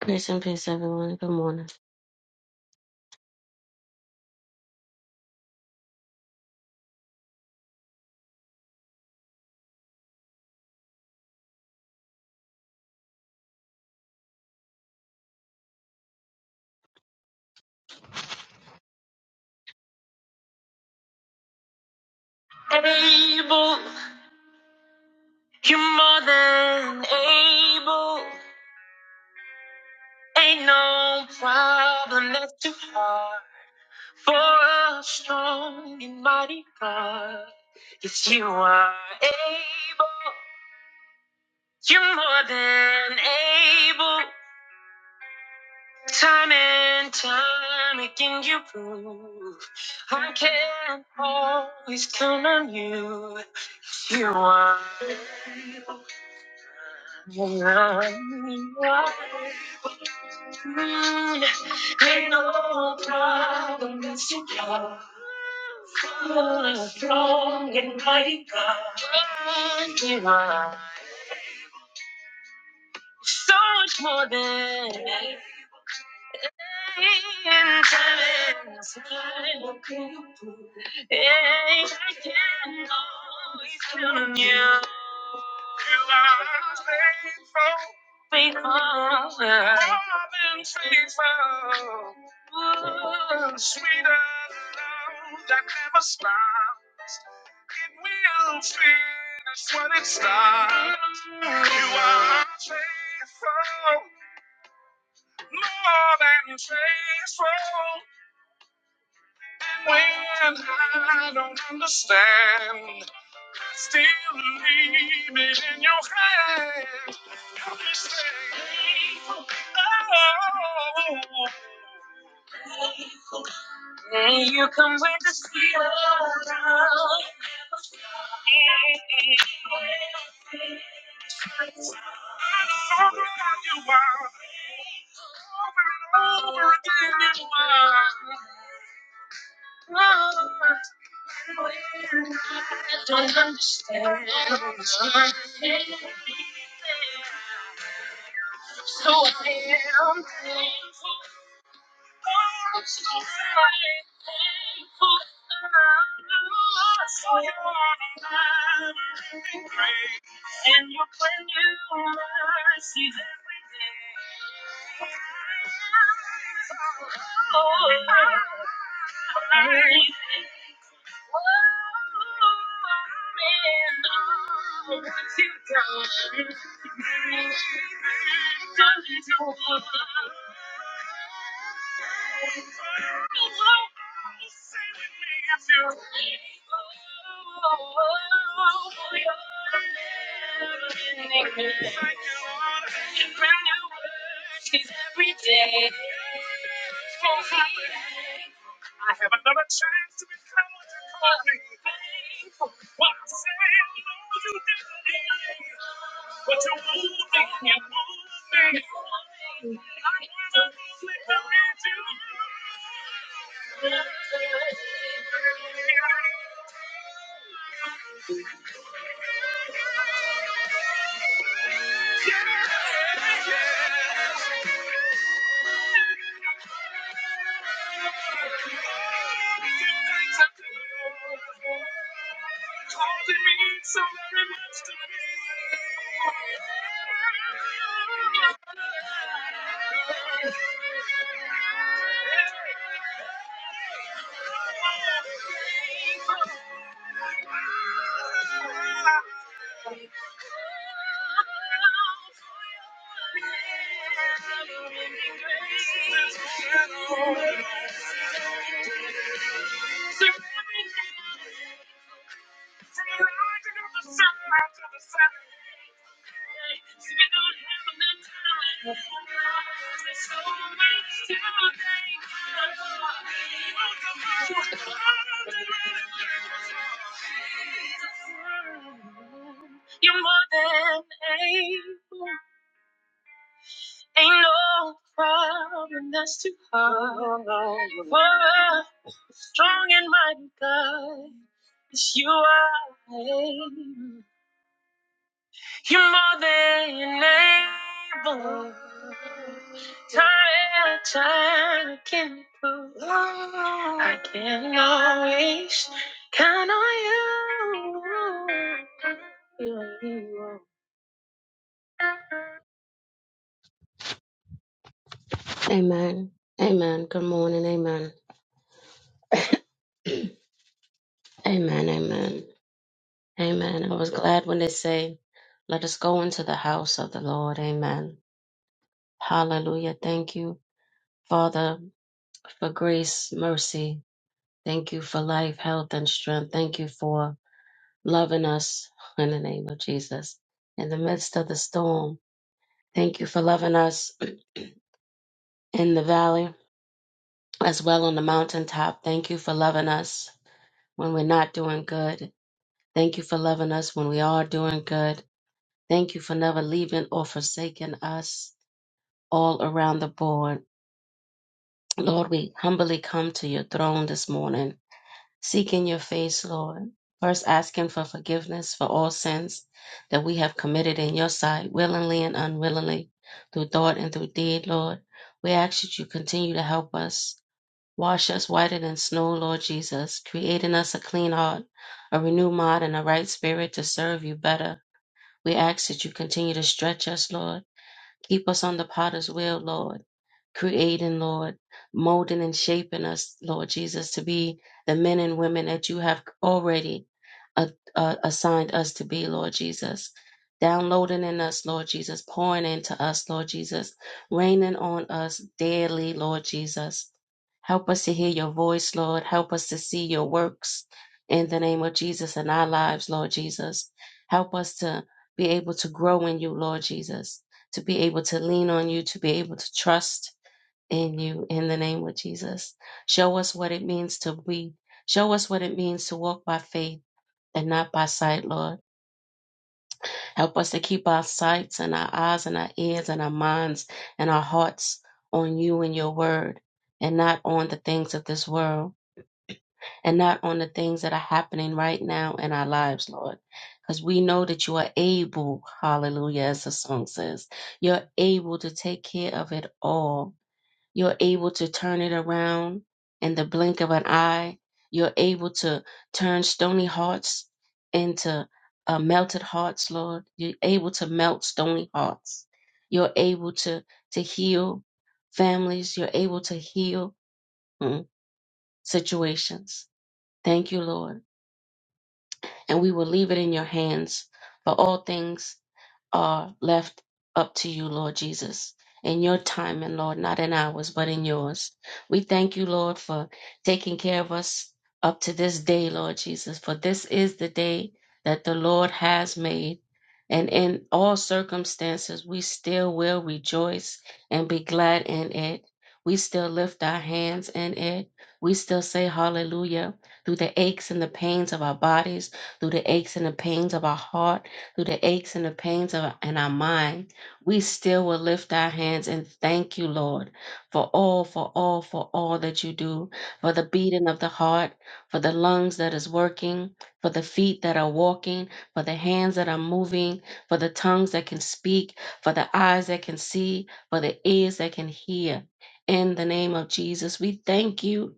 Grace and peace, everyone. Good morning. Able, you're more than able. Ain't no problem that's too hard for a strong and mighty God. Yes, you are able. You're more than able. Time and time again, you prove I can always count on you. Yes, You are. So much more than Yeah, I can always count on you. You are faithful. Faithful. More than faithful. Ooh. Sweeter love that never stops. It will finish when it starts. You are faithful. More than faithful. When I don't understand. Still leave it in your hands. Help me say, oh. Then you come with the steel around. I'm so glad you are. Over and over again you are. Don't understand. So I am. thankful. And your brand new mercies every day. Oh, man, what you've you're done. it all. Say with me if you're ready. Oh, I have another chance to become what you call me. What I say, I no, you didn't. But you won't me, you won't me. I wanna only believe you. Here I am. Yeah, yeah. You're more than able. Ain't no problem that's too hard for a strong and mighty God. Yes, you are. You're more than able. Time, time can prove. I can always count on you. Amen. Amen. Good morning. Amen. Amen, amen, amen. I was glad when they say, Let us go into the house of the Lord. Amen. Hallelujah. Thank you, Father, for grace, mercy. Thank you for life, health, and strength. Thank you for loving us in the name of Jesus. In the midst of the storm, thank you for loving us in the valley as well on the mountaintop. Thank you for loving us when we're not doing good. Thank you for loving us when we are doing good. Thank you for never leaving or forsaking us all around the board. Lord, we humbly come to your throne this morning, seeking your face, Lord. First, asking for forgiveness for all sins that we have committed in your sight, willingly and unwillingly, through thought and through deed, Lord. We ask that you continue to help us. Wash us whiter than snow, Lord Jesus, creating us a clean heart, a renewed mind, and a right spirit to serve you better. We ask that you continue to stretch us, Lord Keep us on the potter's wheel, Lord creating, Lord, molding and shaping us, Lord Jesus, to be the men and women that you have already uh, uh, assigned us to be, Lord Jesus. Downloading in us, Lord Jesus, pouring into us, Lord Jesus, raining on us daily, Lord Jesus. Help us to hear your voice, Lord. Help us to see your works in the name of Jesus in our lives, Lord Jesus. Help us to be able to grow in you, Lord Jesus, to be able to lean on you, to be able to trust in you in the name of Jesus. Show us what it means to be. Show us what it means to walk by faith and not by sight, Lord. Help us to keep our sights and our eyes and our ears and our minds and our hearts on you and your word and not on the things of this world and not on the things that are happening right now in our lives, Lord. Because we know that you are able, hallelujah, as the song says, you're able to take care of it all you're able to turn it around in the blink of an eye. You're able to turn stony hearts into uh, melted hearts, Lord. You're able to melt stony hearts. You're able to, to heal families. You're able to heal mm, situations. Thank you, Lord. And we will leave it in your hands for all things are left up to you, Lord Jesus, in your time and Lord, not in ours, but in yours. We thank you, Lord, for taking care of us up to this day, Lord Jesus, for this is the day that the Lord has made. And in all circumstances, we still will rejoice and be glad in it. We still lift our hands in it. We still say hallelujah through the aches and the pains of our bodies, through the aches and the pains of our heart through the aches and the pains of in our mind, we still will lift our hands and thank you, Lord, for all, for all, for all that you do, for the beating of the heart, for the lungs that is working, for the feet that are walking, for the hands that are moving, for the tongues that can speak, for the eyes that can see, for the ears that can hear. In the name of Jesus, we thank you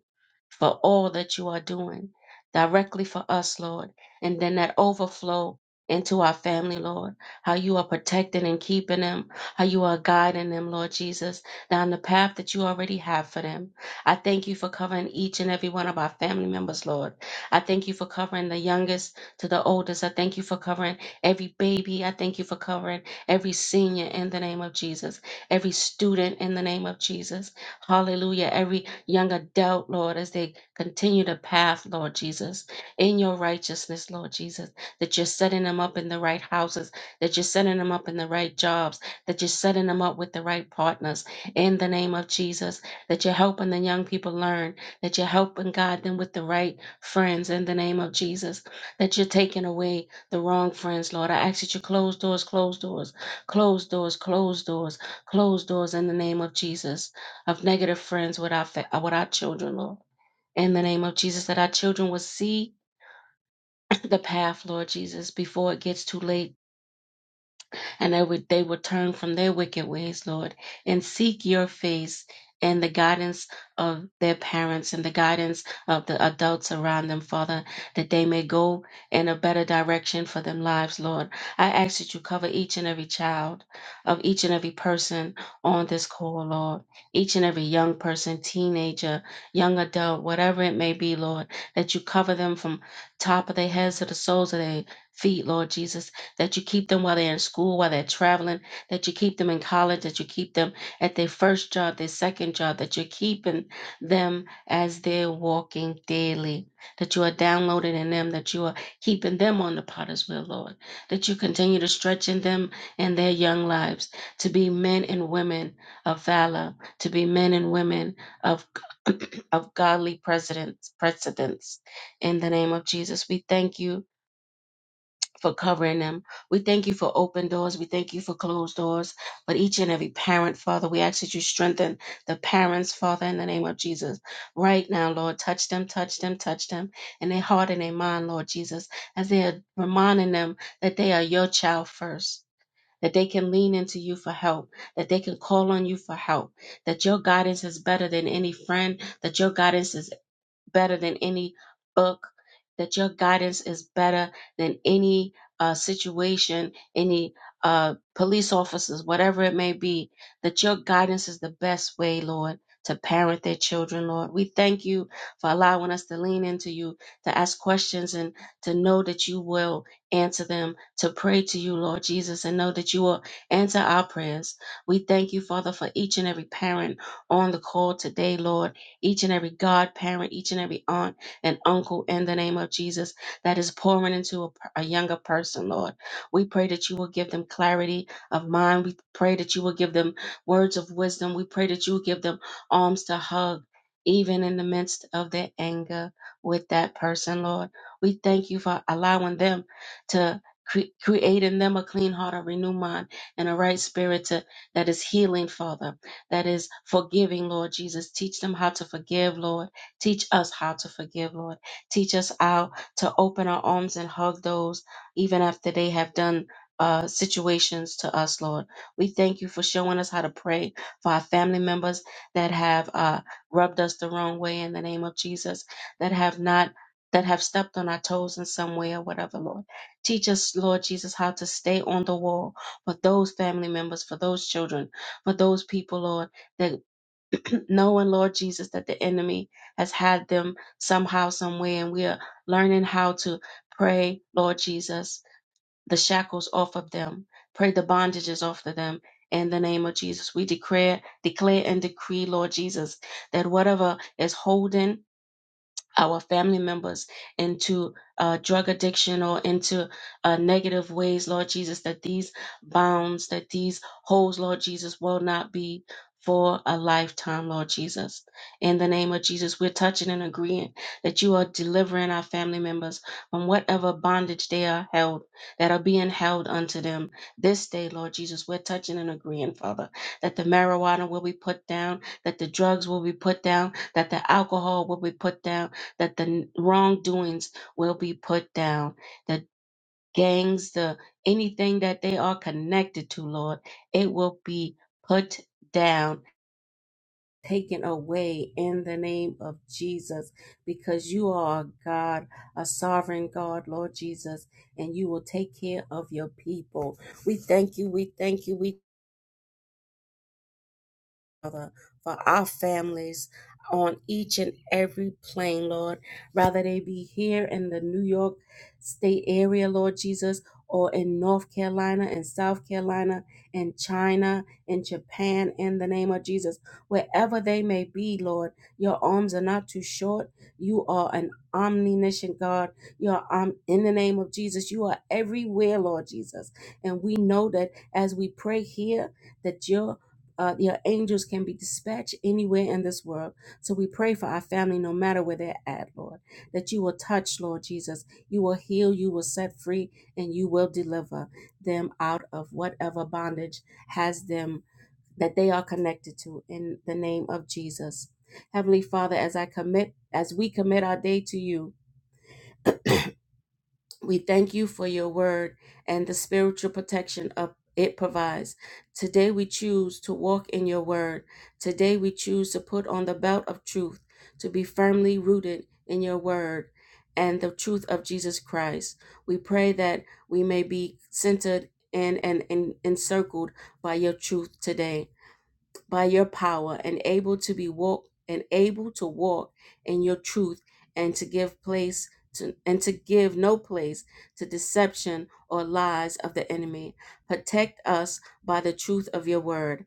for all that you are doing directly for us, Lord. And then that overflow into our family, Lord. How you are protecting and keeping them. How you are guiding them, Lord Jesus, down the path that you already have for them. I thank you for covering each and every one of our family members, Lord. I thank you for covering the youngest to the oldest. I thank you for covering every baby. I thank you for covering every senior in the name of Jesus, every student in the name of Jesus. Hallelujah. Every young adult, Lord, as they continue the path, Lord Jesus, in your righteousness, Lord Jesus that you're setting them up in the right houses, that you're setting them up in the right jobs, that you're setting them up with the right partners in the name of Jesus, that you're helping the young people learn, that you're helping guide them with the right friends in the name of Jesus, that you're taking away the wrong friends, Lord. I ask that you close doors, close doors, close doors, close doors, close doors in the name of Jesus of negative friends with our, fa- with our children, Lord. In the name of Jesus, that our children will see the path, Lord Jesus, before it gets too late and they would they would turn from their wicked ways, Lord, and seek your face and the guidance of their parents and the guidance of the adults around them, Father, that they may go in a better direction for them lives, Lord. I ask that you cover each and every child of each and every person on this call, Lord. Each and every young person, teenager, young adult, whatever it may be, Lord, that you cover them from top of their heads to the soles of their feet, Lord Jesus that you keep them while they're in school, while they're traveling, that you keep them in college, that you keep them at their first job, their second job, that you're keeping them as they're walking daily, that you are downloading in them, that you are keeping them on the potter's wheel, Lord, that you continue to stretch in them and their young lives to be men and women of valor, to be men and women of of godly precedents, precedents. In the name of Jesus, we thank you for covering them. We thank you for open doors. We thank you for closed doors. But each and every parent, Father, we ask that you strengthen the parents, Father, in the name of Jesus. Right now, Lord, touch them, touch them, touch them in their heart and their mind, Lord Jesus, as they are reminding them that they are your child first. That they can lean into you for help, that they can call on you for help, that your guidance is better than any friend, that your guidance is better than any book, that your guidance is better than any uh, situation, any uh, police officers, whatever it may be, that your guidance is the best way, Lord, to parent their children, Lord. We thank you for allowing us to lean into you, to ask questions, and to know that you will answer them, to pray to you, Lord Jesus, and know that you will answer our prayers. We thank you, Father, for each and every parent on the call today, Lord each and every godparent, each and every aunt and uncle in the name of Jesus that is pouring into a, a younger person, Lord. We pray that you will give them clarity of mind. We pray that you will give them words of wisdom. We pray that you will give them arms to hug, even in the midst of their anger with that person, Lord. We thank you for allowing them to. cre- Create in them a clean heart, a renewed mind, and a right spirit to, that is healing, Father that is forgiving, Lord Jesus. Teach them how to forgive, Lord. Teach us how to forgive, Lord. Teach us how to open our arms and hug those even after they have done. Uh, situations to us, Lord. We thank you for showing us how to pray for our family members that have uh, rubbed us the wrong way in the name of Jesus, that have not, that have stepped on our toes in some way or whatever, Lord. Teach us, Lord Jesus, how to stay on the wall for those family members, for those children, for those people, Lord, that knowing, Lord Jesus, that the enemy has had them somehow, somewhere, and we are learning how to pray, Lord Jesus, the shackles off of them, pray the bondages off of them. In the name of Jesus, we declare, declare and decree, Lord Jesus, that whatever is holding our family members into uh, drug addiction or into uh, negative ways, Lord Jesus, that these bounds, that these holes, Lord Jesus, will not be for a lifetime, Lord Jesus. In the name of Jesus, we're touching and agreeing that you are delivering our family members from whatever bondage they are held, that are being held unto them this day, Lord Jesus. We're touching and agreeing, Father, that the marijuana will be put down, that the drugs will be put down, that the alcohol will be put down, that the wrongdoings will be put down, the gangs, the anything that they are connected to, Lord, it will be put down, taken away in the name of Jesus, because you are a God, a sovereign God, Lord Jesus, and you will take care of your people. We thank you, we thank you, we Father, for our families on each and every plane, Lord. Rather they be here in the New York State area, Lord Jesus, or in North Carolina and South Carolina and China and Japan in the name of Jesus. Wherever they may be, Lord, your arms are not too short. You are an omniscient God. You are om- in the name of Jesus. You are everywhere, Lord Jesus. And we know that as we pray here, that your uh, your angels can be dispatched anywhere in this world. So we pray for our family, no matter where they're at, Lord, that you will touch, Lord Jesus. You will heal, you will set free, and you will deliver them out of whatever bondage has them that they are connected to in the name of Jesus. Heavenly Father, as I commit, as we commit our day to you, we thank you for your word and the spiritual protection of it provides. Today we choose to walk in your word. Today we choose to put on the belt of truth, to be firmly rooted in your word and the truth of Jesus Christ. We pray that we may be centered and, and, and encircled by your truth today by your power and able to be walk and able to walk in your truth and to give place to and to give no place to deception or lies of the enemy. Protect us by the truth of your word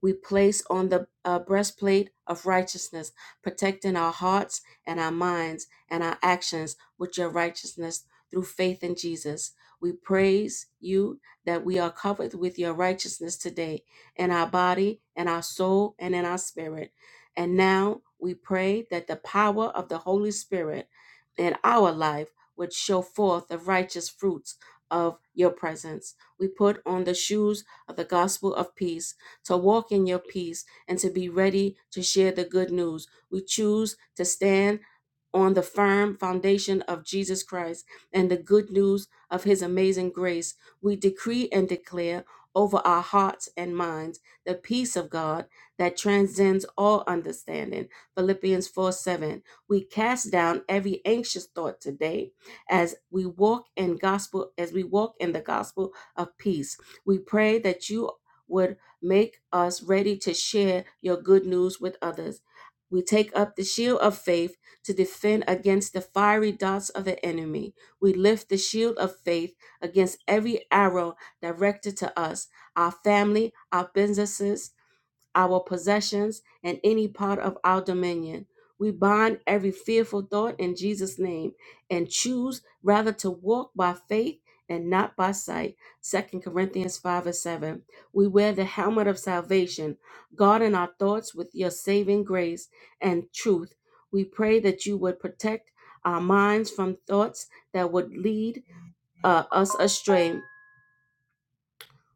we place on the uh, breastplate of righteousness, protecting our hearts and our minds and our actions with your righteousness through faith in Jesus. We praise you that we are covered with your righteousness today in our body, in our soul, and in our spirit. And now we pray that the power of the Holy Spirit in our life would show forth the righteous fruits of your presence. We put on the shoes of the gospel of peace to walk in your peace, and to be ready to share the good news. We choose to stand on the firm foundation of Jesus Christ and the good news of his amazing grace, we decree and declare over our hearts and minds the peace of God that transcends all understanding. Philippians 4 7. We cast down every anxious thought today as we walk in gospel, as we walk in the gospel of peace. We pray that you would make us ready to share your good news with others. We take up the shield of faith to defend against the fiery darts of the enemy. We lift the shield of faith against every arrow directed to us, our family, our businesses our possessions, and any part of our dominion. We bind every fearful thought in Jesus' name and choose rather to walk by faith and not by sight. Second Corinthians 5 and 7. We wear the helmet of salvation, guarding our thoughts with your saving grace and truth. We pray that you would protect our minds from thoughts that would lead uh, us astray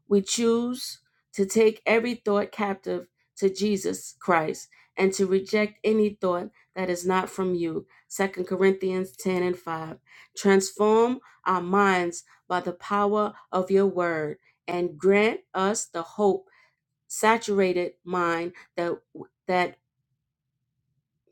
we choose to take every thought captive to Jesus Christ and to reject any thought that is not from you. Second Corinthians 10 and 5. Transform our minds by the power of your word and grant us the hope saturated mind that that,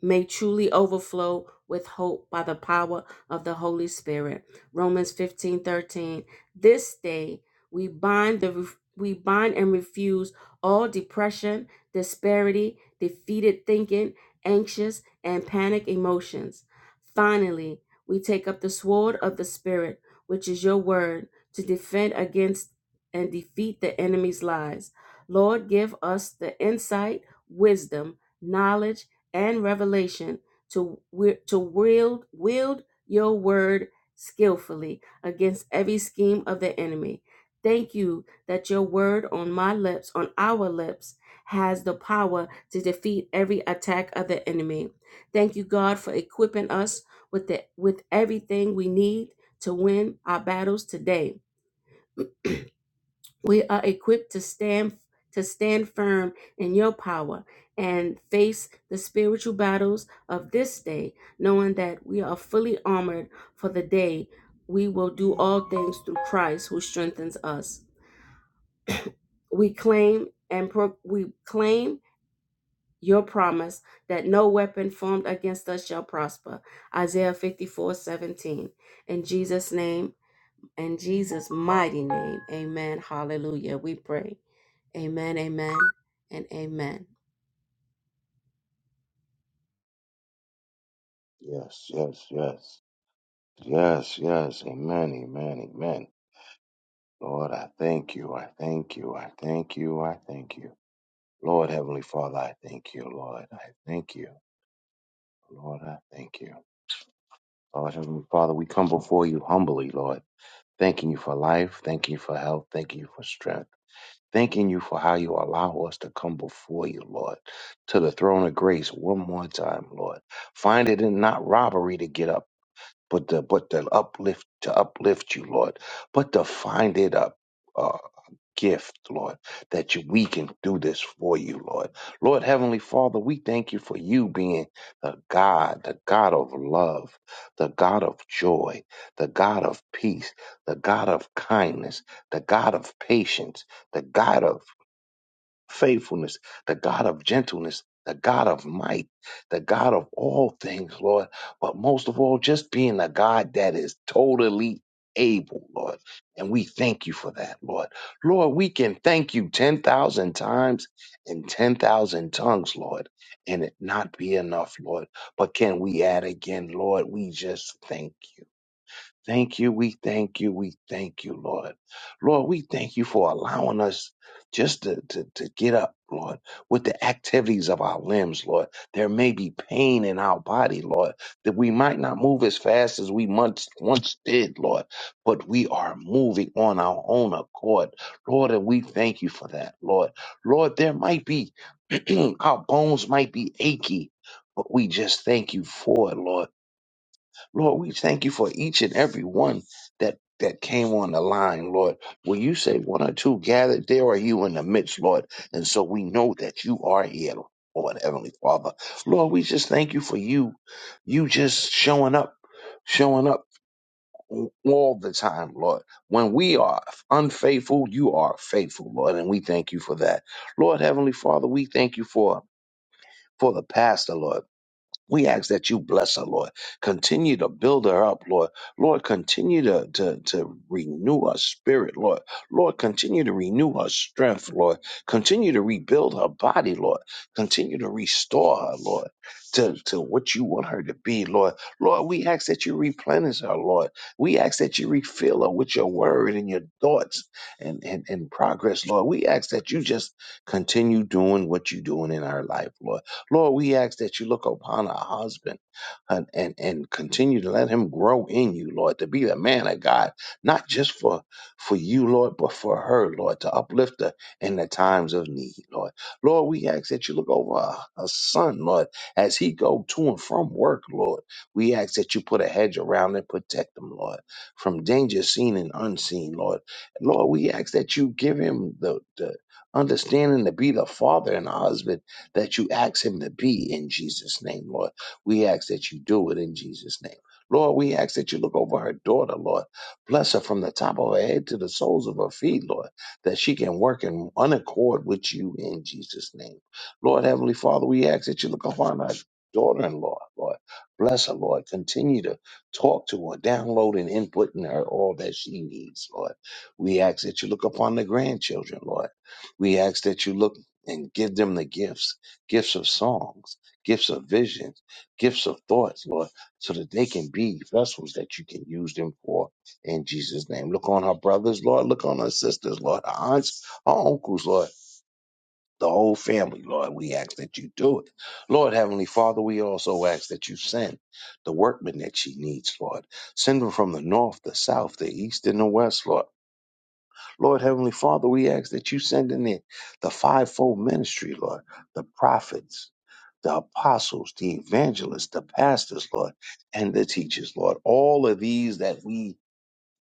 may truly overflow with hope by the power of the Holy Spirit. Romans 15 13. This day we bind the we bind and refuse all depression, disparity, defeated thinking, anxious, and panic emotions. Finally, we take up the sword of the Spirit, which is your word, to defend against and defeat the enemy's lies. Lord, give us the insight, wisdom, knowledge, and revelation to wi- to wield wield your word skillfully against every scheme of the enemy. Thank you that your word on my lips, on our lips, has the power to defeat every attack of the enemy. Thank you, God, for equipping us with the, with everything we need to win our battles today we are equipped to stand to stand firm in your power and face the spiritual battles of this day knowing that we are fully armored for the day we will do all things through Christ who strengthens us we claim and pro- we claim your promise that no weapon formed against us shall prosper isaiah 54 17. in jesus name in jesus mighty name amen hallelujah we pray Amen, amen, and amen. Yes, yes, yes. Yes, yes. Amen, amen, amen. Lord, I thank you. I thank you. I thank you. I thank you. Lord, Heavenly Father, I thank you. Lord, I thank you. Lord, I thank you. Lord, Heavenly Father, we come before you humbly, Lord, thanking you for life, thanking you for health, thanking you for strength, thanking you for how you allow us to come before you, Lord, to the throne of grace one more time, Lord. Find it in not robbery to get up but to but to uplift to uplift you, Lord, but to find it up. Uh, gift lord that you, we can do this for you lord lord heavenly father we thank you for you being the god the god of love the god of joy the god of peace the god of kindness the god of patience the god of faithfulness, the God of gentleness, the God of might, the God of all things, Lord. But most of all, just being a God that is totally able, Lord. And we thank you for that, Lord. Lord, we can thank you 10,000 times in 10,000 tongues, Lord, and it not be enough, Lord. But can we add again, Lord? We just thank Thank you. We thank you. We thank you, Lord. Lord, we thank you for allowing us just to, to, to get up, Lord, with the activities of our limbs, Lord. There may be pain in our body, Lord, that we might not move as fast as we once, once did, Lord, but we are moving on our own accord, Lord, and we thank you for that, Lord. Lord, there might be, our bones might be achy. But we just thank you for it, Lord Lord, we thank you for each and every one that that came on the line, Lord. When you say one or two gathered, there are you in the midst, Lord. And so we know that you are here, Lord Heavenly Father. Lord, we just thank you for you, you just showing up, showing up all the time, Lord. When we are unfaithful, you are faithful, Lord, and we thank you for that. Lord Heavenly Father, we thank you for for the pastor, Lord. We ask that you bless her, Lord. Continue to build her up, Lord. Lord, continue to, to, to renew her spirit, Lord. Lord, continue to renew her strength, Lord. Continue to rebuild her body, Lord. Continue to restore her, Lord, to, to what you want her to be, Lord. Lord, we ask that you replenish her, Lord. We ask that you refill her with your word and your thoughts and, and, and progress, Lord. We ask that you just continue doing what you're doing in our life, Lord. Lord, we ask that you look upon our husband and, and, and continue to let him grow in you, Lord, to be the man of God, not just for, for you, Lord, but for her, Lord, to uplift her in the times of need, Lord. Lord, we ask that you look over our, our son, Lord, as he go to and from work, Lord. We ask that you put a hedge around and protect him, Lord, from danger seen and unseen, Lord. Lord, we ask that you give him the, the understanding to be the father and the husband that you ask him to be in Jesus' name, Lord. We ask that you do it in Jesus' name. Lord, we ask that you look over her daughter, Lord. Bless her from the top of her head to the soles of her feet, Lord, that she can work in one accord with you in Jesus' name. Lord, Heavenly Father, we ask that you look upon our daughter in law, Lord. Bless her, Lord. Continue to talk to her, download and input in her all that she needs, Lord. We ask that you look upon the grandchildren, Lord. We ask that you look and give them the gifts gifts of songs, gifts of visions, gifts of thoughts, Lord, so that they can be vessels that you can use them for in Jesus' name. Look on our brothers, Lord. Look on our sisters, Lord. Our aunts, our uncles, Lord. The whole family, Lord, we ask that you do it. Lord, Heavenly Father, we also ask that you send the workmen that she needs, Lord. Send them from the north, the south, the east, and the west, Lord. Lord, Heavenly Father, we ask that you send in the, the fivefold ministry, Lord, the prophets, the apostles, the evangelists, the pastors, Lord, and the teachers, Lord. All of these that we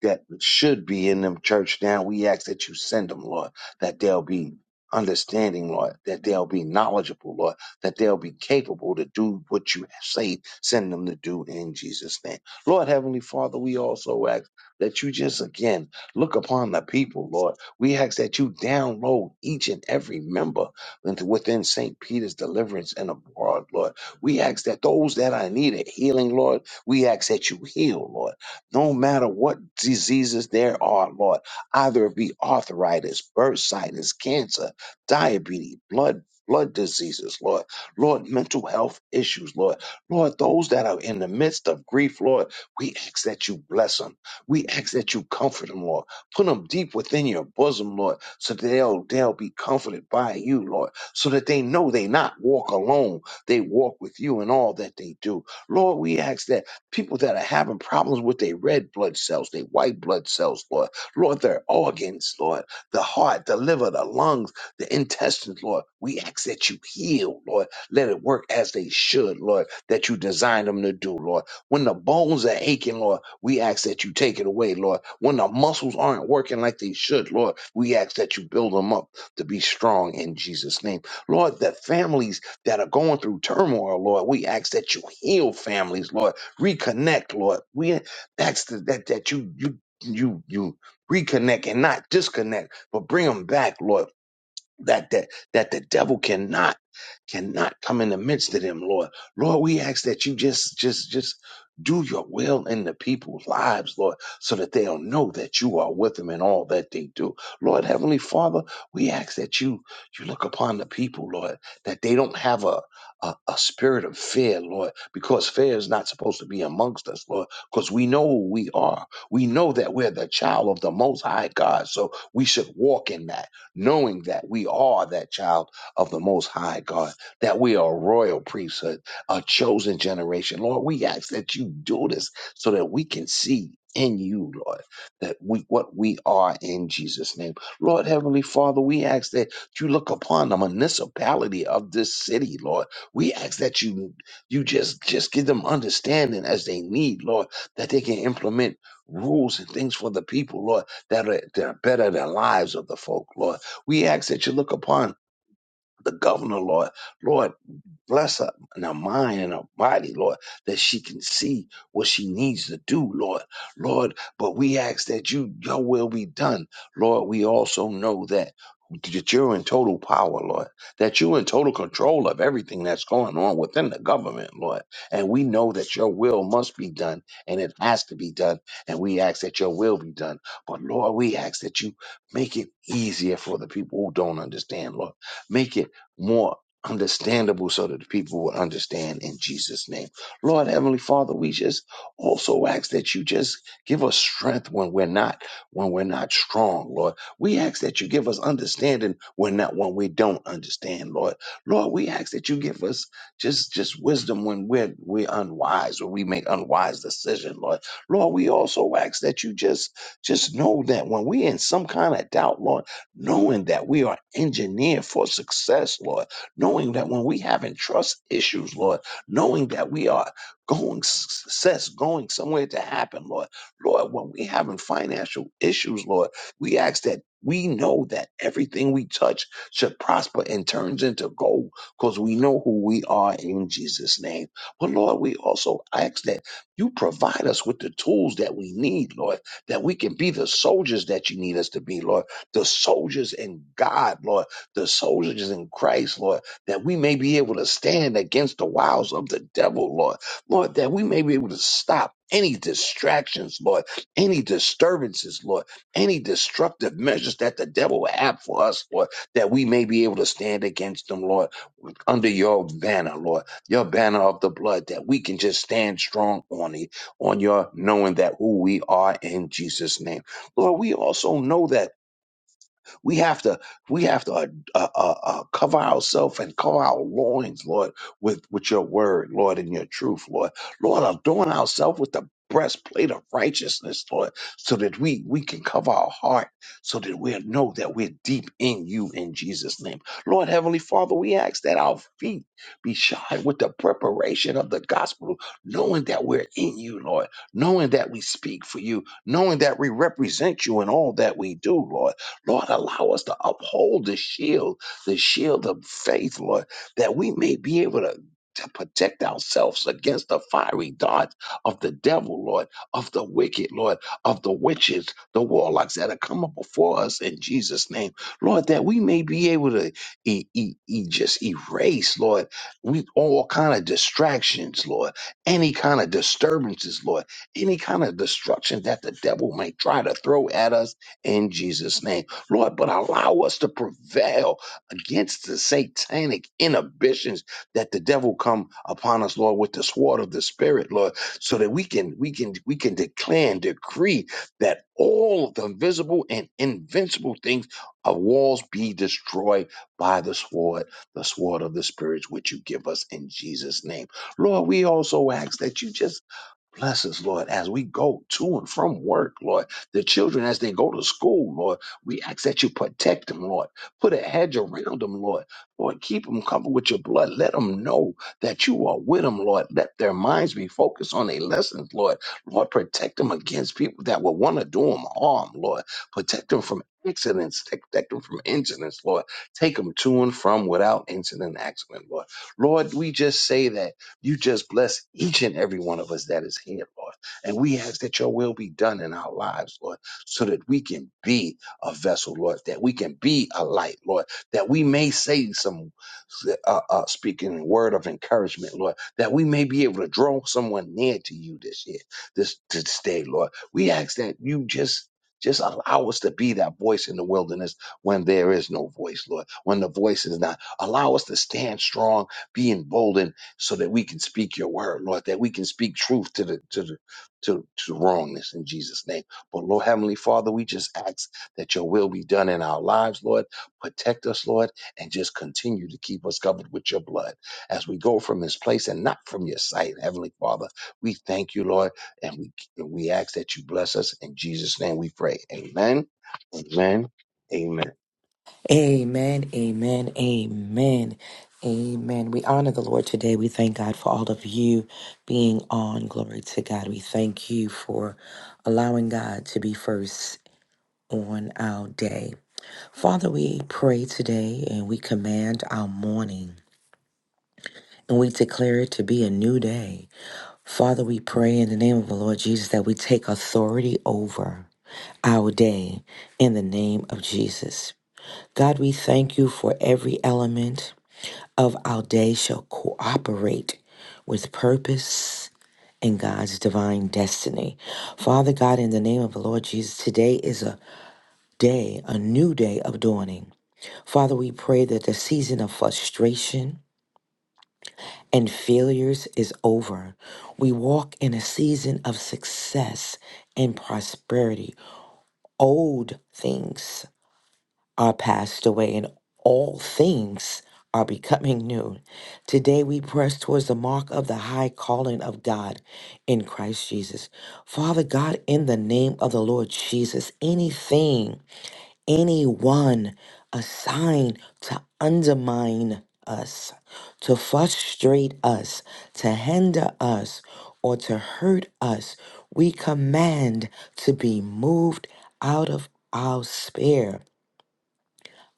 that should be in them church now. We ask that you send them, Lord, that they'll be understanding, Lord, that they'll be knowledgeable, Lord, that they'll be capable to do what you say, send them to do in Jesus' name. Lord Heavenly Father, we also ask that you just again look upon the people, Lord. We ask that you download each and every member into within St. Peter's deliverance and abroad, Lord. We ask that those that I need a healing, Lord, we ask that you heal, Lord no matter what diseases there are, Lord, either it be arthritis, bursitis, cancer, diabetes, blood, blood diseases, Lord, Lord, mental health issues, Lord, Lord, those that are in the midst of grief, Lord, we ask that you bless them. We ask that you comfort them, Lord. Put them deep within your bosom, Lord, so that they'll, they'll be comforted by you, Lord, so that they know they not walk alone. They walk with you in all that they do. Lord, we ask that people that are having problems with their red blood cells, their white blood cells, Lord. Lord, their organs, Lord, the heart, the liver, the lungs, the intestines, Lord. We ask that you heal, Lord. Let it work as they should, Lord, that you designed them to do, Lord. When the bones are aching, Lord, we ask that you take it away, Lord. When the muscles aren't working like they should, Lord, we ask that you build them up to be strong in Jesus' name. Lord, the families that are going through turmoil, Lord, we ask that you heal families, Lord reconnect, Lord. We ask that that that you you you you reconnect and not disconnect, but bring them back, Lord. That that that the devil cannot cannot come in the midst of them, Lord. Lord, we ask that you just, just, just do your will in the people's lives, Lord, so that they'll know that you are with them in all that they do. Lord, Heavenly Father, we ask that you, you look upon the people, Lord, that they don't have a, a, a spirit of fear, Lord, because fear is not supposed to be amongst us, Lord, because we know who we are. We know that we're the child of the Most High God, so we should walk in that, knowing that we are that child of the Most High God that we are a royal priesthood, a chosen generation. Lord, we ask that you do this so that we can see in you, Lord, that we what we are in Jesus' name. Lord Heavenly Father, we ask that you look upon the municipality of this city, Lord. We ask that you you just just give them understanding as they need, Lord, that they can implement rules and things for the people, Lord, that are, that are better than lives of the folk, Lord. We ask that you look upon the governor, Lord. Lord, Bless her in her mind and her body, Lord, that she can see what she needs to do, Lord. Lord, but we ask that you, your will be done. Lord, we also know that, that you're in total power, Lord, that you're in total control of everything that's going on within the government, Lord. And we know that your will must be done and it has to be done. And we ask that your will be done. But Lord, we ask that you make it easier for the people who don't understand, Lord. Make it more understandable so that the people will understand in Jesus' name. Lord Heavenly Father, we just also ask that you just give us strength when we're not when we're not strong, Lord. We ask that you give us understanding when not when we don't understand, Lord. Lord, we ask that you give us just just wisdom when we're we're unwise or we make unwise decision, Lord. Lord, we also ask that you just just know that when we're in some kind of doubt, Lord, knowing that we are engineered for success, Lord knowing that when we having trust issues, Lord, knowing that we are going success, going somewhere to happen, Lord. Lord, when we having financial issues, Lord, we ask that we know that everything we touch should prosper and turns into gold because we know who we are in Jesus' name. But Lord, we also ask that you provide us with the tools that we need, Lord, that we can be the soldiers that you need us to be, Lord, the soldiers in God, Lord, the soldiers in Christ, Lord that we may be able to stand against the wiles of the devil, Lord. Lord, that we may be able to stop any distractions, Lord, any disturbances, Lord, any destructive measures that the devil would have for us, Lord, that we may be able to stand against them, Lord, under your banner, Lord, your banner of the blood, that we can just stand strong on it, on your knowing that who we are in Jesus' name. Lord, we also know that we have to we have to uh, uh, uh, uh, cover ourselves and cover our loins, Lord, with with your word, Lord, and your truth, Lord. Lord, adorn ourselves with the breastplate of righteousness, Lord, so that we we can cover our heart, so that we know that we're deep in you in Jesus' name. Lord, Heavenly Father, we ask that our feet be shod with the preparation of the gospel, knowing that we're in you, Lord, knowing that we speak for you, knowing that we represent you in all that we do, Lord. Lord, allow us to uphold the shield, the shield of faith, Lord, that we may be able to. To protect ourselves against the fiery darts of the devil, Lord, of the wicked, Lord, of the witches, the warlocks that are coming before us in Jesus' name, Lord, that we may be able to e- e- e- just erase, Lord, we all kind of distractions, Lord, any kind of disturbances, Lord, any kind of destruction that the devil may try to throw at us in Jesus' name. Lord, but allow us to prevail against the satanic inhibitions that the devil come upon us, Lord, with the sword of the spirit, Lord, so that we can we can we can declare and decree that all of the visible and invincible things of walls be destroyed by the sword, the sword of the spirit which you give us in Jesus' name. Lord, we also ask that you just Bless us, Lord, as we go to and from work, Lord. The children, as they go to school, Lord, we ask that you protect them, Lord. Put a hedge around them, Lord. Lord, keep them covered with your blood. Let them know that you are with them, Lord. Let their minds be focused on their lessons, Lord. Lord, protect them against people that will want to do them harm, Lord. Protect them from accidents. Protect them from incidents, Lord. Take them to and from without incident, and accident, Lord. Lord, we just say that. You just bless each and every one of us that is here, Lord. And we ask that your will be done in our lives, Lord, so that we can be a vessel, Lord, that we can be a light, Lord, that we may say some uh, uh, speaking a word of encouragement, Lord, that we may be able to draw someone near to you this year, this, this day, Lord. We ask that you just just allow us to be that voice in the wilderness when there is no voice, Lord, when the voice is not. Allow us to stand strong, be emboldened so that we can speak your word, Lord, that we can speak truth to the to the to, to wrongness in Jesus' name. But Lord Heavenly Father, we just ask that your will be done in our lives, Lord. Protect us, Lord and just continue to keep us covered with your blood as we go from this place and not from your sight, Heavenly Father. We thank you, Lord, and we and we ask that you bless us in Jesus' name. We pray. Amen. Amen. Amen. Amen, amen, amen, amen. We honor the Lord today. We thank God for all of you being on. Glory to God. We thank you for allowing God to be first on our day. Father, we pray today and we command our morning. And we declare it to be a new day. Father, we pray in the name of the Lord Jesus that we take authority over our day in the name of Jesus. God, we thank you for every element of our day shall cooperate with purpose and God's divine destiny. Father God, in the name of the Lord Jesus, today is a day, a new day of dawning. Father, we pray that the season of frustration and failures is over. We walk in a season of success and prosperity. Old things. are passed away and all things are becoming new. Today we press towards the mark of the high calling of God in Christ Jesus. Father God, in the name of the Lord Jesus, anything, anyone assigned to undermine us, to frustrate us, to hinder us, or to hurt us, we command to be moved out of our sphere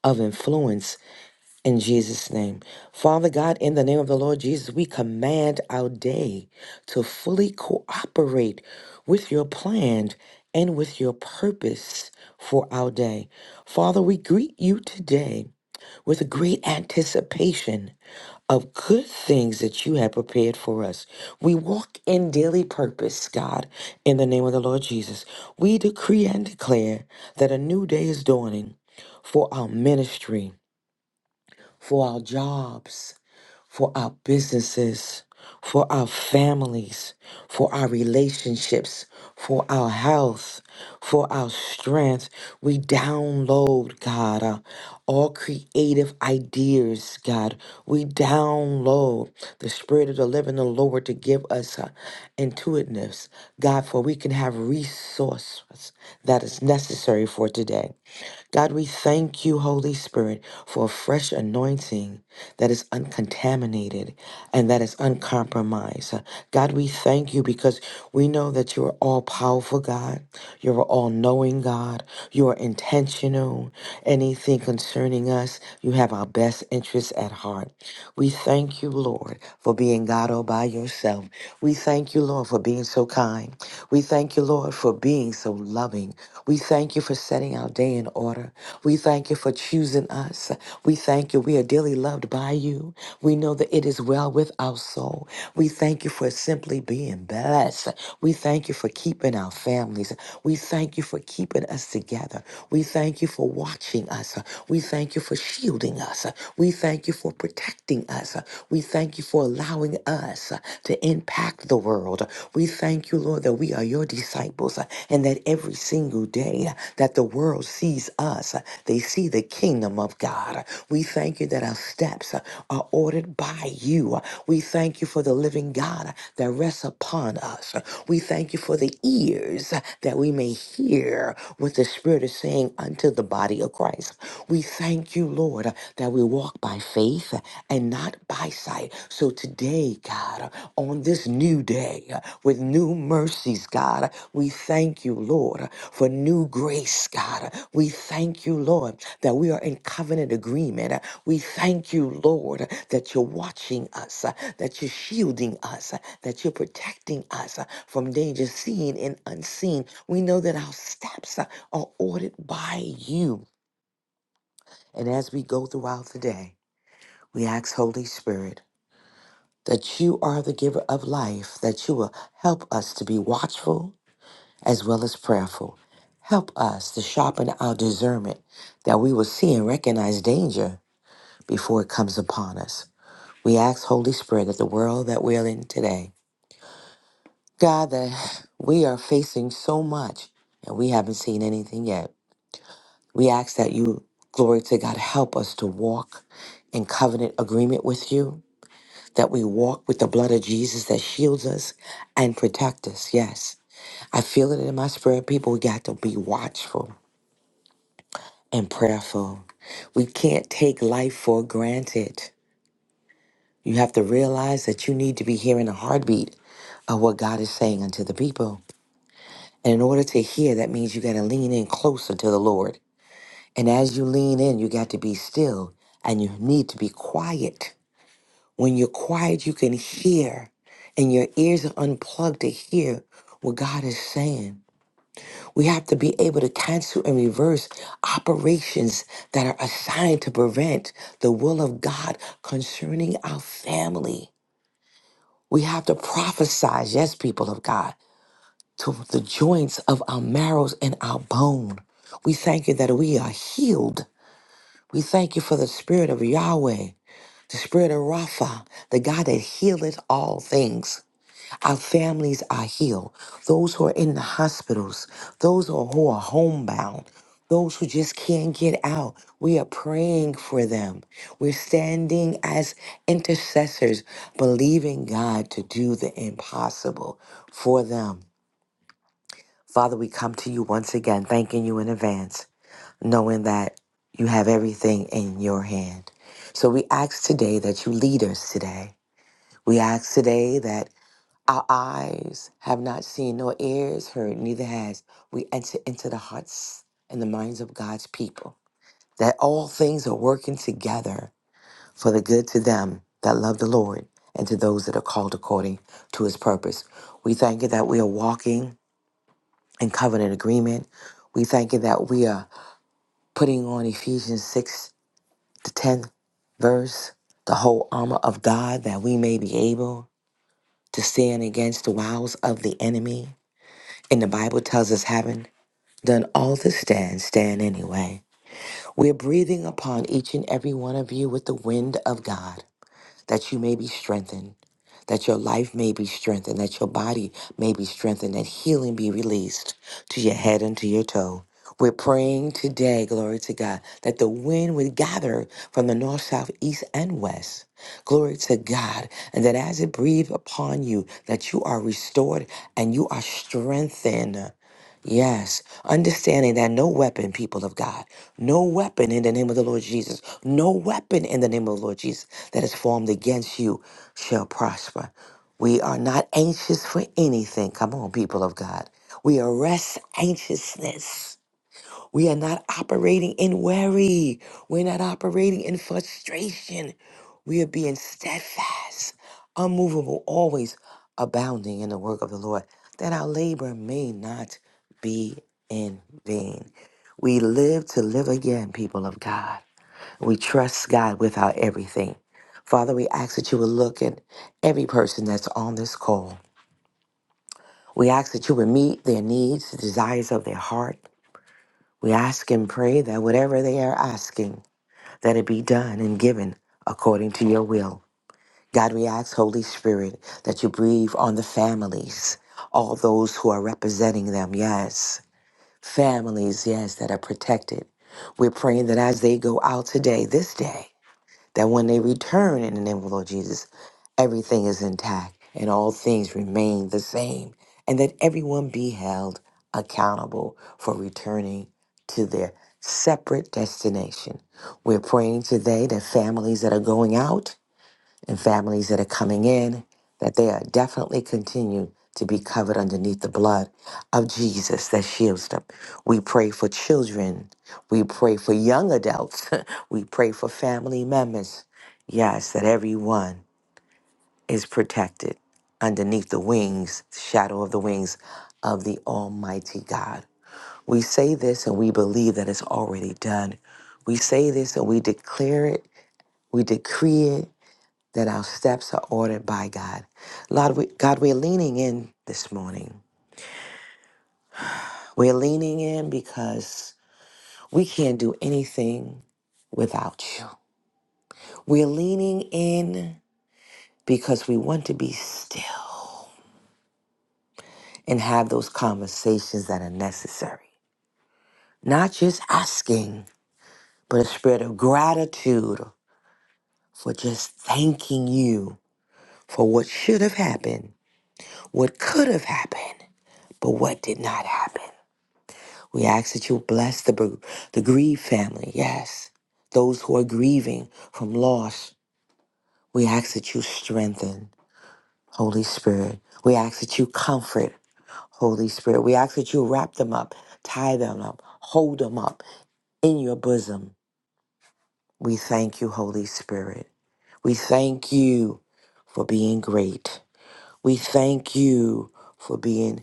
of influence in Jesus' name. Father God, in the name of the Lord Jesus, we command our day to fully cooperate with your plan and with your purpose for our day. Father, we greet you today with great anticipation of good things that you have prepared for us. We walk in daily purpose, God, in the name of the Lord Jesus. We decree and declare that a new day is dawning for our ministry for our jobs, for our businesses, for our families, for our relationships, for our health, for our strength. We download, God, uh, all creative ideas, God. We download the Spirit of the living, the Lord, to give us uh, intuitiveness, God, for we can have resources that is necessary for today. God, we thank you, Holy Spirit, for a fresh fresh anointing that is uncontaminated and that is uncompromised. Uh, God, we thank you because we know that you are all powerful, God. You're all knowing, God. You are intentional. Anything concerning us, you have our best interests at heart. We thank you, Lord, for being God all by yourself. We thank you, Lord, for being so kind. We thank you, Lord, for being so loving. We thank you for setting our day in order. We thank you for choosing us. We thank you. We are dearly loved by you. We know that it is well with our soul. We thank you for simply being blessed. We thank you for keeping our families. We thank you for keeping us together. We thank you for watching us. We thank you for shielding us. We thank you for protecting us. We thank you for allowing us to impact the world. We thank you, Lord, that we are your disciples and that every single day, day that the world sees us. They see the kingdom of God. We thank you that our steps are ordered by you. We thank you for the living God that rests upon us. We thank you for the ears that we may hear what the Spirit is saying unto the body of Christ. We thank you, Lord, that we walk by faith and not by sight. So today, God, on this new day with new mercies, God, we thank you, Lord, for new grace, God. We thank you, Lord, that we are in covenant agreement. We thank you, Lord, that you're watching us, that you're shielding us, that you're protecting us from danger seen and unseen. We know that our steps are ordered by you. And as we go throughout the day, we ask, Holy Spirit, that you are the giver of life, that you will help us to be watchful as well as prayerful. Help us to sharpen our discernment that we will see and recognize danger before it comes upon us. We ask, Holy Spirit, that the world that we're in today, God, that we are facing so much and we haven't seen anything yet. We ask that you, glory to God, help us to walk in covenant agreement with you, that we walk with the blood of Jesus that shields us and protect us. Yes. I feel it in my spirit. People, we got to be watchful. and prayerful. We can't take life for granted. You have to realize that you need to be hearing the heartbeat of what God is saying unto the people. And in order to hear, that means you got to lean in closer to the Lord. And as you lean in, you got to be still and you need to be quiet. When you're quiet, you can hear, and your ears are unplugged to hear what God is saying. We have to be able to cancel and reverse operations that are assigned to prevent the will of God concerning our family. We have to prophesy, yes, people of God, to the joints of our marrows and our bone. We thank you that we are healed. We thank you for the spirit of Yahweh, the spirit of Rapha, the God that healeth all things. Our families are healed. Those who are in the hospitals, those who are who are homebound, those who just can't get out, we are praying for them. We're standing as intercessors, believing God to do the impossible for them. Father, we come to you once again, thanking you in advance, knowing that you have everything in your hand. So we ask today that you lead us today. We ask today that our eyes have not seen, nor ears heard, neither has we entered into the hearts and the minds of God's people. That all things are working together for the good to them that love the Lord and to those that are called according to his purpose. We thank you that we are walking in covenant agreement. We thank you that we are putting on Ephesians 6 to 10 verse, the whole armor of God, that we may be able to stand against the wiles of the enemy. And the Bible tells us, having done all to stand, stand anyway. We're breathing upon each and every one of you with the wind of God, that you may be strengthened, that your life may be strengthened, that your body may be strengthened, that healing be released to your head and to your toe. We're praying today, glory to God, that the wind would gather from the north, south, east, and west. Glory to God. And that as it breathes upon you, that you are restored and you are strengthened. Yes, understanding that no weapon, people of God, no weapon in the name of the Lord Jesus, no weapon in the name of the Lord Jesus that is formed against you shall prosper. We are not anxious for anything. Come on, people of God. We arrest anxiousness. We are not operating in worry. We're not operating in frustration. We are being steadfast, unmovable, always abounding in the work of the Lord, that our labor may not be in vain. We live to live again, people of God. We trust God with our everything. Father, we ask that you would look at every person that's on this call. We ask that you would meet their needs, the desires of their heart. We ask and pray that whatever they are asking, that it be done and given according to your will. God, we ask, Holy Spirit, that you breathe on the families, all those who are representing them, yes. Families, yes, that are protected. We're praying that as they go out today, this day, that when they return in the name of the Lord Jesus, everything is intact and all things remain the same, and that everyone be held accountable for returning to their separate destination. We're praying today that families that are going out and families that are coming in, that they are definitely continue to be covered underneath the blood of Jesus that shields them. We pray for children. We pray for young adults. we pray for family members. Yes, that everyone is protected underneath the wings, shadow of the wings of the Almighty God. We say this and we believe that it's already done. We say this and we declare it, we decree it, that our steps are ordered by God. Lord, we, God, we're leaning in this morning. We're leaning in because we can't do anything without you. We're leaning in because we want to be still and have those conversations that are necessary. Not just asking, but a spirit of gratitude for just thanking you for what should have happened, what could have happened, but what did not happen. We ask that you bless the, br- the grieved family, yes, those who are grieving from loss. We ask that you strengthen, Holy Spirit. We ask that you comfort, Holy Spirit. We ask that you wrap them up, tie them up, hold them up in your bosom. We thank you, Holy Spirit. We thank you for being great. We thank you for being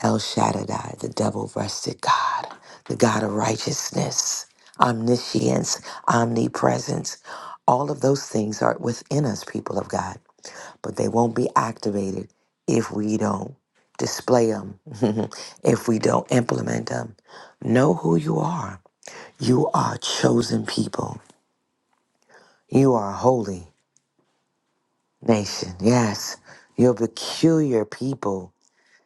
El Shaddai, the double breasted God, the God of righteousness, omniscience, omnipresence. All of those things are within us, people of God, but they won't be activated if we don't display them, if we don't implement them. Know who you are. You are chosen people, you are a holy nation. Yes, you're a peculiar people.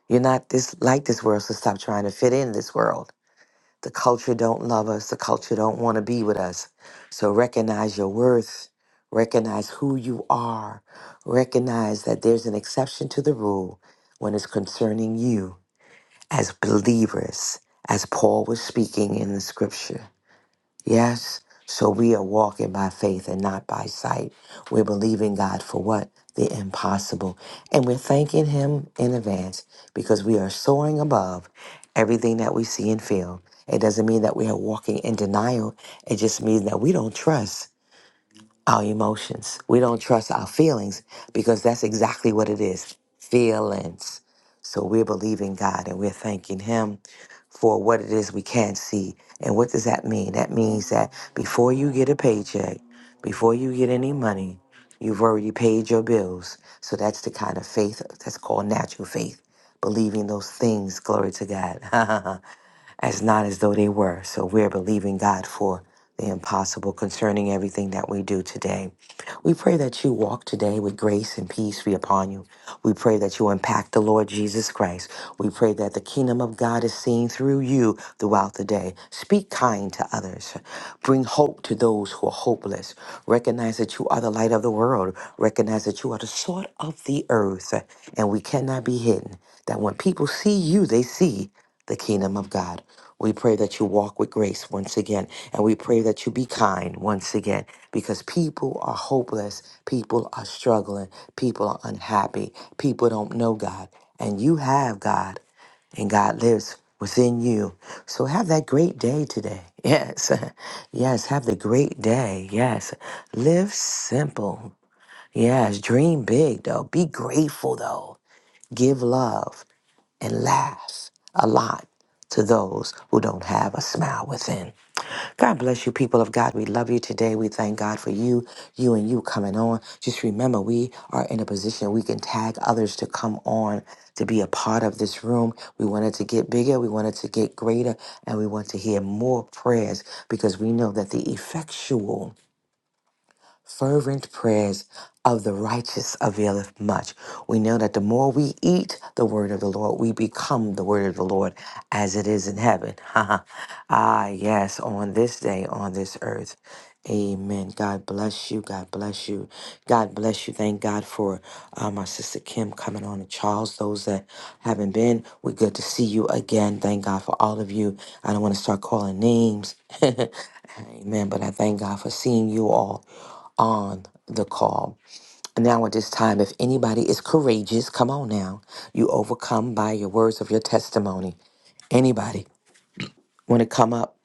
You're not this like this world, so stop trying to fit in this world. The culture don't love us. The culture don't want to be with us. So recognize your worth. Recognize who you are. Recognize that there's an exception to the rule when it's concerning you as believers, as Paul was speaking in the scripture. Yes. So we are walking by faith and not by sight. We're believing God for what? The impossible. And we're thanking Him in advance because we are soaring above everything that we see and feel. It doesn't mean that we are walking in denial. It just means that we don't trust our emotions. We don't trust our feelings because that's exactly what it is feelings. So we're believing God and we're thanking Him for what it is we can see. And what does that mean? That means that before you get a paycheck, before you get any money, you've already paid your bills. So that's the kind of faith that's called natural faith, believing those things, glory to God, as not as though they were. So we're believing God for the impossible concerning everything that we do today. We pray that you walk today with grace and peace be upon you. We pray that you impact the Lord Jesus Christ. We pray that the kingdom of God is seen through you throughout the day. Speak kind to others. Bring hope to those who are hopeless. Recognize that you are the light of the world. Recognize that you are the salt of the earth and we cannot be hidden. That when people see you, they see the kingdom of God. We pray that you walk with grace once again, and we pray that you be kind once again because people are hopeless, people are struggling, people are unhappy, people don't know God, and you have God, and God lives within you. So have that great day today. Yes, yes, have the great day. Yes, live simple. Yes, dream big though, be grateful though, give love and laughs a lot to those who don't have a smile within. God bless you, people of God. We love you today. We thank God for you, you and you coming on. Just remember, we are in a position we can tag others to come on to be a part of this room. We wanted to get bigger, we wanted to get greater, and we want to hear more prayers because we know that the effectual Fervent prayers of the righteous availeth much. We know that the more we eat the word of the Lord, we become the word of the Lord as it is in heaven. ah, yes, on this day, on this earth. Amen. God bless you. God bless you. God bless you. Thank God for uh, my sister Kim coming on and Charles. Those that haven't been, we're good to see you again. Thank God for all of you. I don't want to start calling names. Amen. But I thank God for seeing you all on the call. Now, at this time, if anybody is courageous, come on now. You overcome by your words of your testimony. Anybody want to come up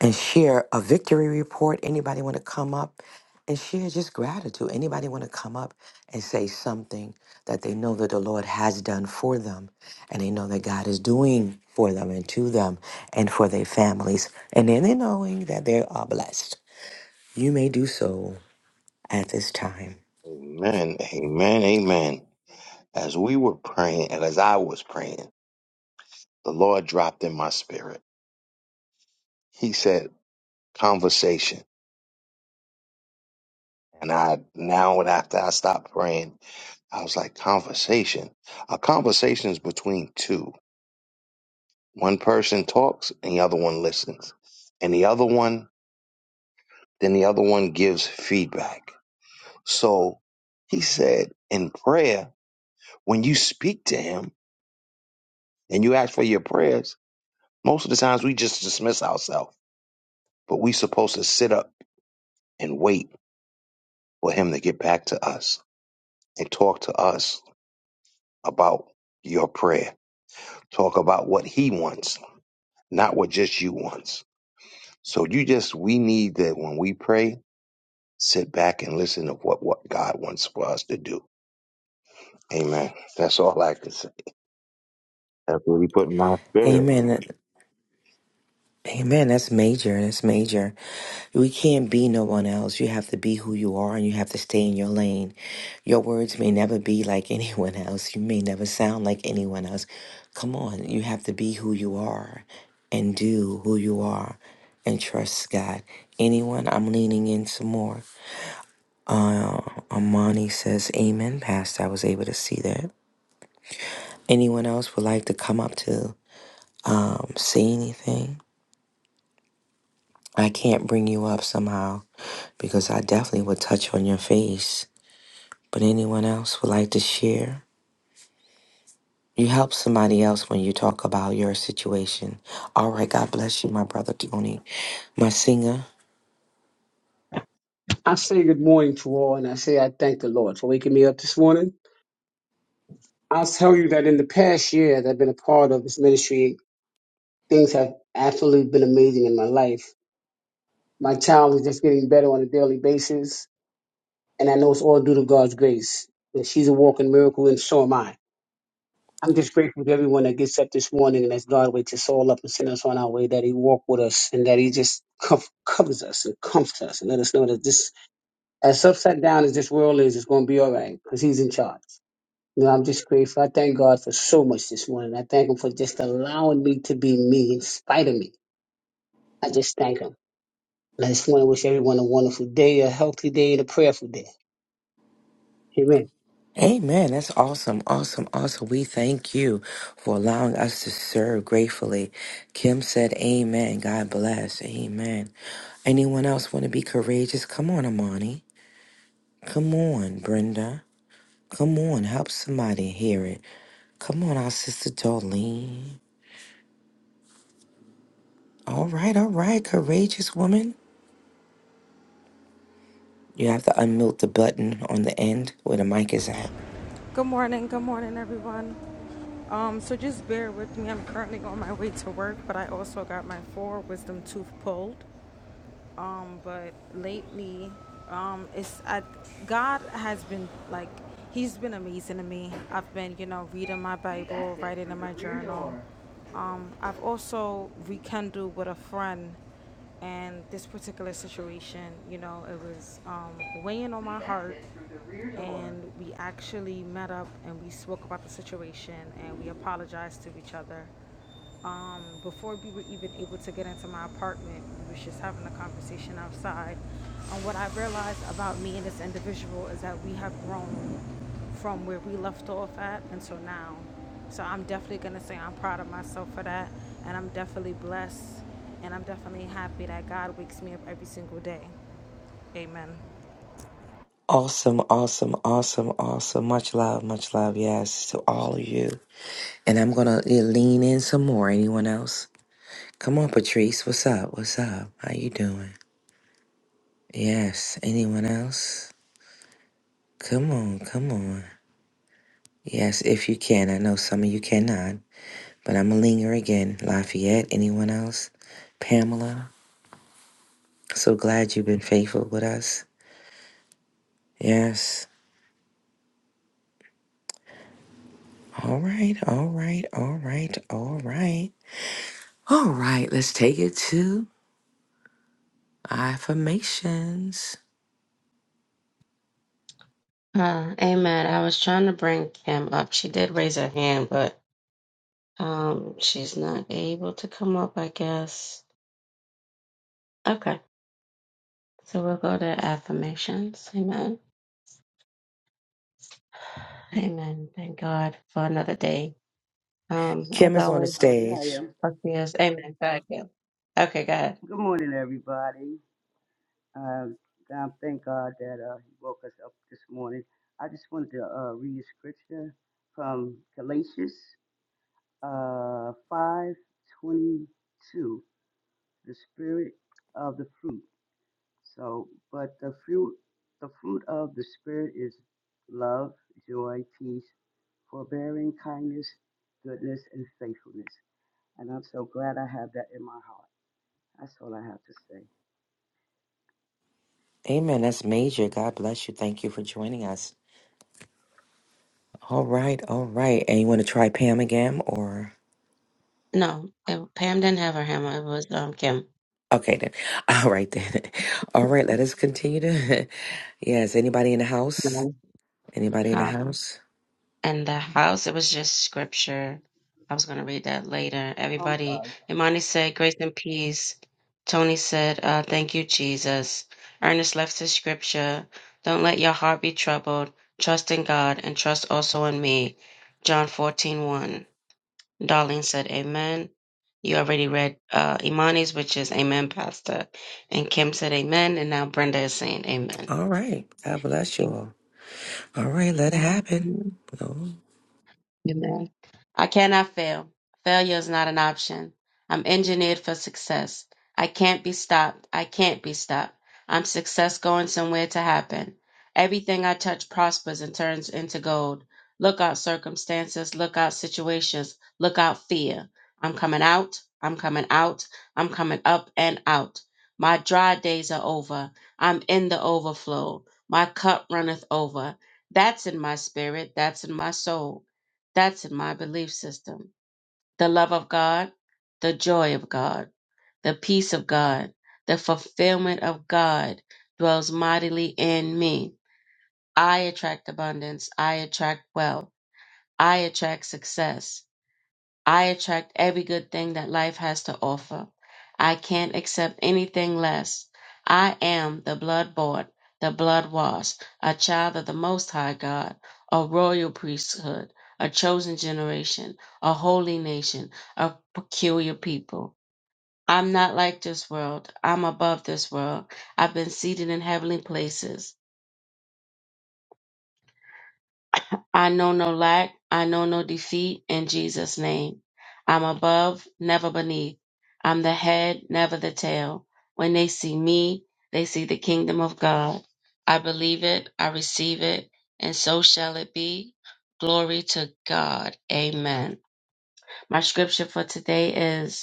and share a victory report? Anybody want to come up and share just gratitude? Anybody want to come up and say something that they know that the Lord has done for them and they know that God is doing for them and to them and for their families? And then they knowing that they are blessed. You may do so at this time. Amen. Amen. Amen. As we were praying, and as I was praying, the Lord dropped in my spirit. He said, "Conversation." And I now, after I stopped praying, I was like, "Conversation." A conversation is between two. One person talks and the other one listens. And the other one, then the other one gives feedback. So he said in prayer, when you speak to him and you ask for your prayers, most of the times we just dismiss ourselves, but we supposed to sit up and wait for him to get back to us and talk to us about your prayer. Talk about what he wants, not what just you wants. So you just, we need that when we pray, sit back and listen to what, what God wants for us to do. Amen. That's all I can say. That's what he put in my spirit. Amen. Amen. That's major. That's major. We can't be no one else. You have to be who you are and you have to stay in your lane. Your words may never be like anyone else. You may never sound like anyone else. Come on. You have to be who you are and do who you are and trust God. Anyone? I'm leaning in some more. Armani says, Amen, Pastor. I was able to see that. Anyone else would like to come up to um, say anything? I can't bring you up somehow because I definitely would touch on your face. But anyone else would like to share? You help somebody else when you talk about your situation. All right, God bless you, my brother Tony, my singer. I say good morning to all, and I say I thank the Lord for waking me up this morning. I'll tell you that in the past year that I've been a part of this ministry, things have absolutely been amazing in my life. My child is just getting better on a daily basis, and I know it's all due to God's grace. And she's a walking miracle, and so am I. I'm just grateful to everyone that gets up this morning and that God wakes us all up and sends us on our way, that He walk with us, and that He just comf- covers us and comforts us, and let us know that this, as upside down as this world is, it's going to be all right because He's in charge. You know, I'm just grateful. I thank God for so much this morning. I thank Him for just allowing me to be me in spite of me. I just thank Him. And I just want to wish everyone a wonderful day, a healthy day, and a prayerful day. Amen. Amen. That's awesome, awesome, awesome. We thank you for allowing us to serve gratefully. Kim said, Amen. God bless. Amen. Anyone else want to be courageous? Come on, Amani. Come on, Brenda. Come on, help somebody hear it. Come on, our sister Darlene. All right, all right, courageous woman. You have to unmute the button on the end where the mic is at. Good morning, good morning, everyone. Um, so just bear with me. I'm currently on my way to work, but I also got my four wisdom tooth pulled. Um, but lately, um, it's I, God has been like He's been amazing to me. I've been, you know, reading my Bible, writing in my journal. Um, I've also rekindled with a friend, and this particular situation, you know, it was um, weighing on my heart and we actually met up and we spoke about the situation and we apologized to each other. Um, before we were even able to get into my apartment, we were just having a conversation outside. And what I realized about me and this individual is that we have grown from where we left off at until now. So I'm definitely gonna say I'm proud of myself for that, and I'm definitely blessed, and I'm definitely happy that God wakes me up every single day. Amen. Awesome, awesome, awesome, awesome. Much love, much love, yes, to all of you. And I'm gonna uh, lean in some more. Anyone else? Come on, Patrice. What's up? What's up? How you doing? Yes. Anyone else? Come on, come on. Yes, if you can. I know some of you cannot. But I'm going to linger again. Lafayette, anyone else? Pamela, so glad you've been faithful with us. Yes. All right, all right, all right, all right. All right, let's take it to affirmations. Uh, but um, well, to come on, okay, go to affirmations. And amen. Thank God for another day. Um, as Kim is on the always, Oh, there I stage. am. fuck yes. Amen. God, Kim. Okay, God. Good morning, everybody. Uh, God, thank God that uh, He woke us up this morning. I just wanted to uh, read scripture from Galatians uh, five twenty two. The spirit of the fruit. So, but the fruit, the fruit of the spirit is love, joy, peace, forbearing, kindness, goodness, and faithfulness. And I'm so glad I have that in my heart. That's all I have to Amen. That's major. say. God bless you. Thank you for joining Right. us. All right, all right. And you want to try Pam again or? No, it, Pam didn't have her hammer. It was um Kim. Okay then. All right then. All right, let us continue to. yes, anybody in the house? No. Anybody in the house? And the house, it was just scripture. I was going to read that later. Um, Everybody, Uh, Imani said, Grace and peace. Tony said, uh, Thank you, Jesus. Ernest left his scripture. Don't let your heart be troubled. Trust in God and trust also in me. John fourteen one. Darlene said, Amen. You already read uh, Imani's, which is Amen, Pastor. And Kim said, Amen. And now Brenda is saying, Amen. All right. God bless you all. All right, let it happen. No. Amen. I cannot fail. Failure is not an option. I'm engineered for success. I can't be stopped. I can't be stopped. I'm success going somewhere to happen. Everything I touch prospers and turns into gold. Look out circumstances, look out situations, look out fear. I'm coming out, I'm coming out, I'm coming up and out. My dry days are over. I'm in the overflow. My cup runneth over. That's in my spirit, that's in my soul. That's my belief system. The love of God, the joy of God, the peace of God, the fulfillment of God dwells mightily in me. I attract abundance. I attract wealth. I attract success. I attract every good thing that life has to offer. I can't accept anything less. I am the blood bought, the blood washed, a child of the Most High God, a royal priesthood, a chosen generation, a holy nation, a peculiar people. I'm not like this world. I'm above this world. I've been seated in heavenly places. I know no lack. I know no defeat in Jesus' name. I'm above, never beneath. I'm the head, never the tail. When they see me, they see the kingdom of God. I believe it, I receive it, and so shall it be. Glory to God. Amen. My scripture for today is.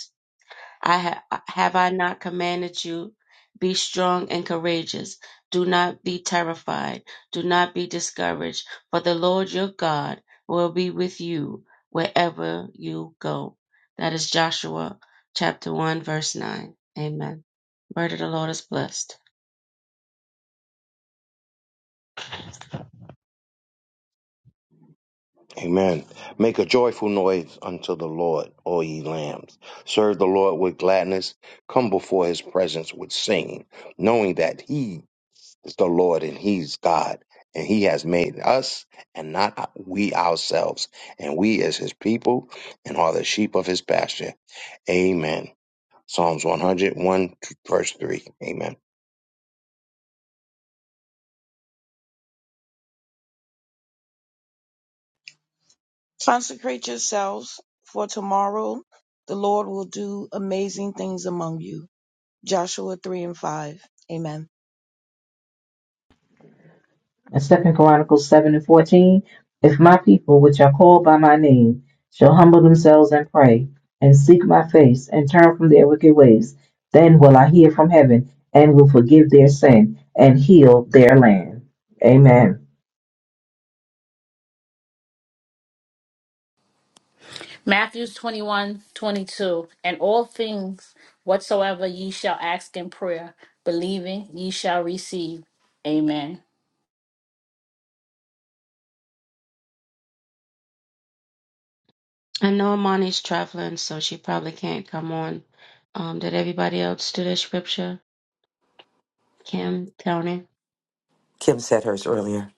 I ha- have I not commanded you? Be strong and courageous. Do not be terrified. Do not be discouraged, for the Lord your God will be with you wherever you go. That is Joshua chapter 1, verse 9. Amen. Word of the Lord is blessed. Amen. Make a joyful noise unto the Lord, all ye lambs. Serve the Lord with gladness. Come before his presence with singing, knowing that he is the Lord and he's God. And he has made us and not we ourselves. And we as his people and are the sheep of his pasture. Amen. Psalms 101, verse 3. Amen. Consecrate yourselves, for tomorrow the Lord will do amazing things among you. Joshua 3 and 5. Amen. In Second Chronicles seven and fourteen, if my people which are called by my name shall humble themselves and pray, and seek my face, and turn from their wicked ways, then will I hear from heaven and will forgive their sin and heal their land. Amen. Matthews 21 22 And all things whatsoever ye shall ask in prayer, believing ye shall receive. Amen. I know Amani's traveling, so she probably can't come on. Um, did everybody else do their scripture? Kim, Tony? Kim said hers earlier.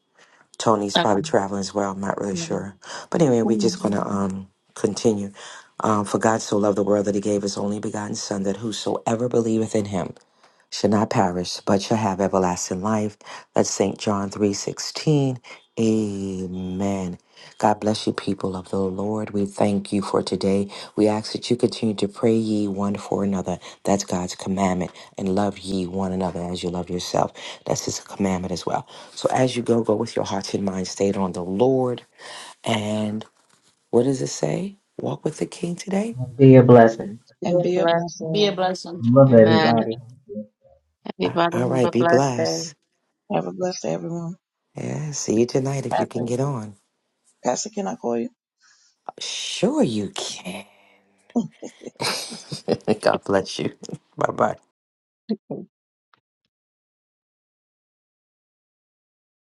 Tony's Okay. probably traveling as well. I'm not really sure. But anyway, we're just going to um, continue. Um, For God so loved the world that he gave his only begotten Son, that whosoever believeth in him shall not perish, but shall have everlasting life. That's St. John 3.16. Amen. God bless you, people of the Lord. We thank you for today. We ask that you continue to pray ye one for another. That's God's commandment. And love ye one another as you love yourself. That's his commandment as well. So as you go, go with your hearts and minds stayed on the Lord. And what does it say? Walk with the King today? Be a blessing. And Be be a blessed, blessing. Be a yeah. blessing. Love Amen. everybody. Uh, Everybody All have right, a be blessed day. blessed. Have a blessed day, everyone. Yeah, see you tonight if you Pastor, can get on. Pastor, can I call you? Sure, you can. God bless you. Bye bye.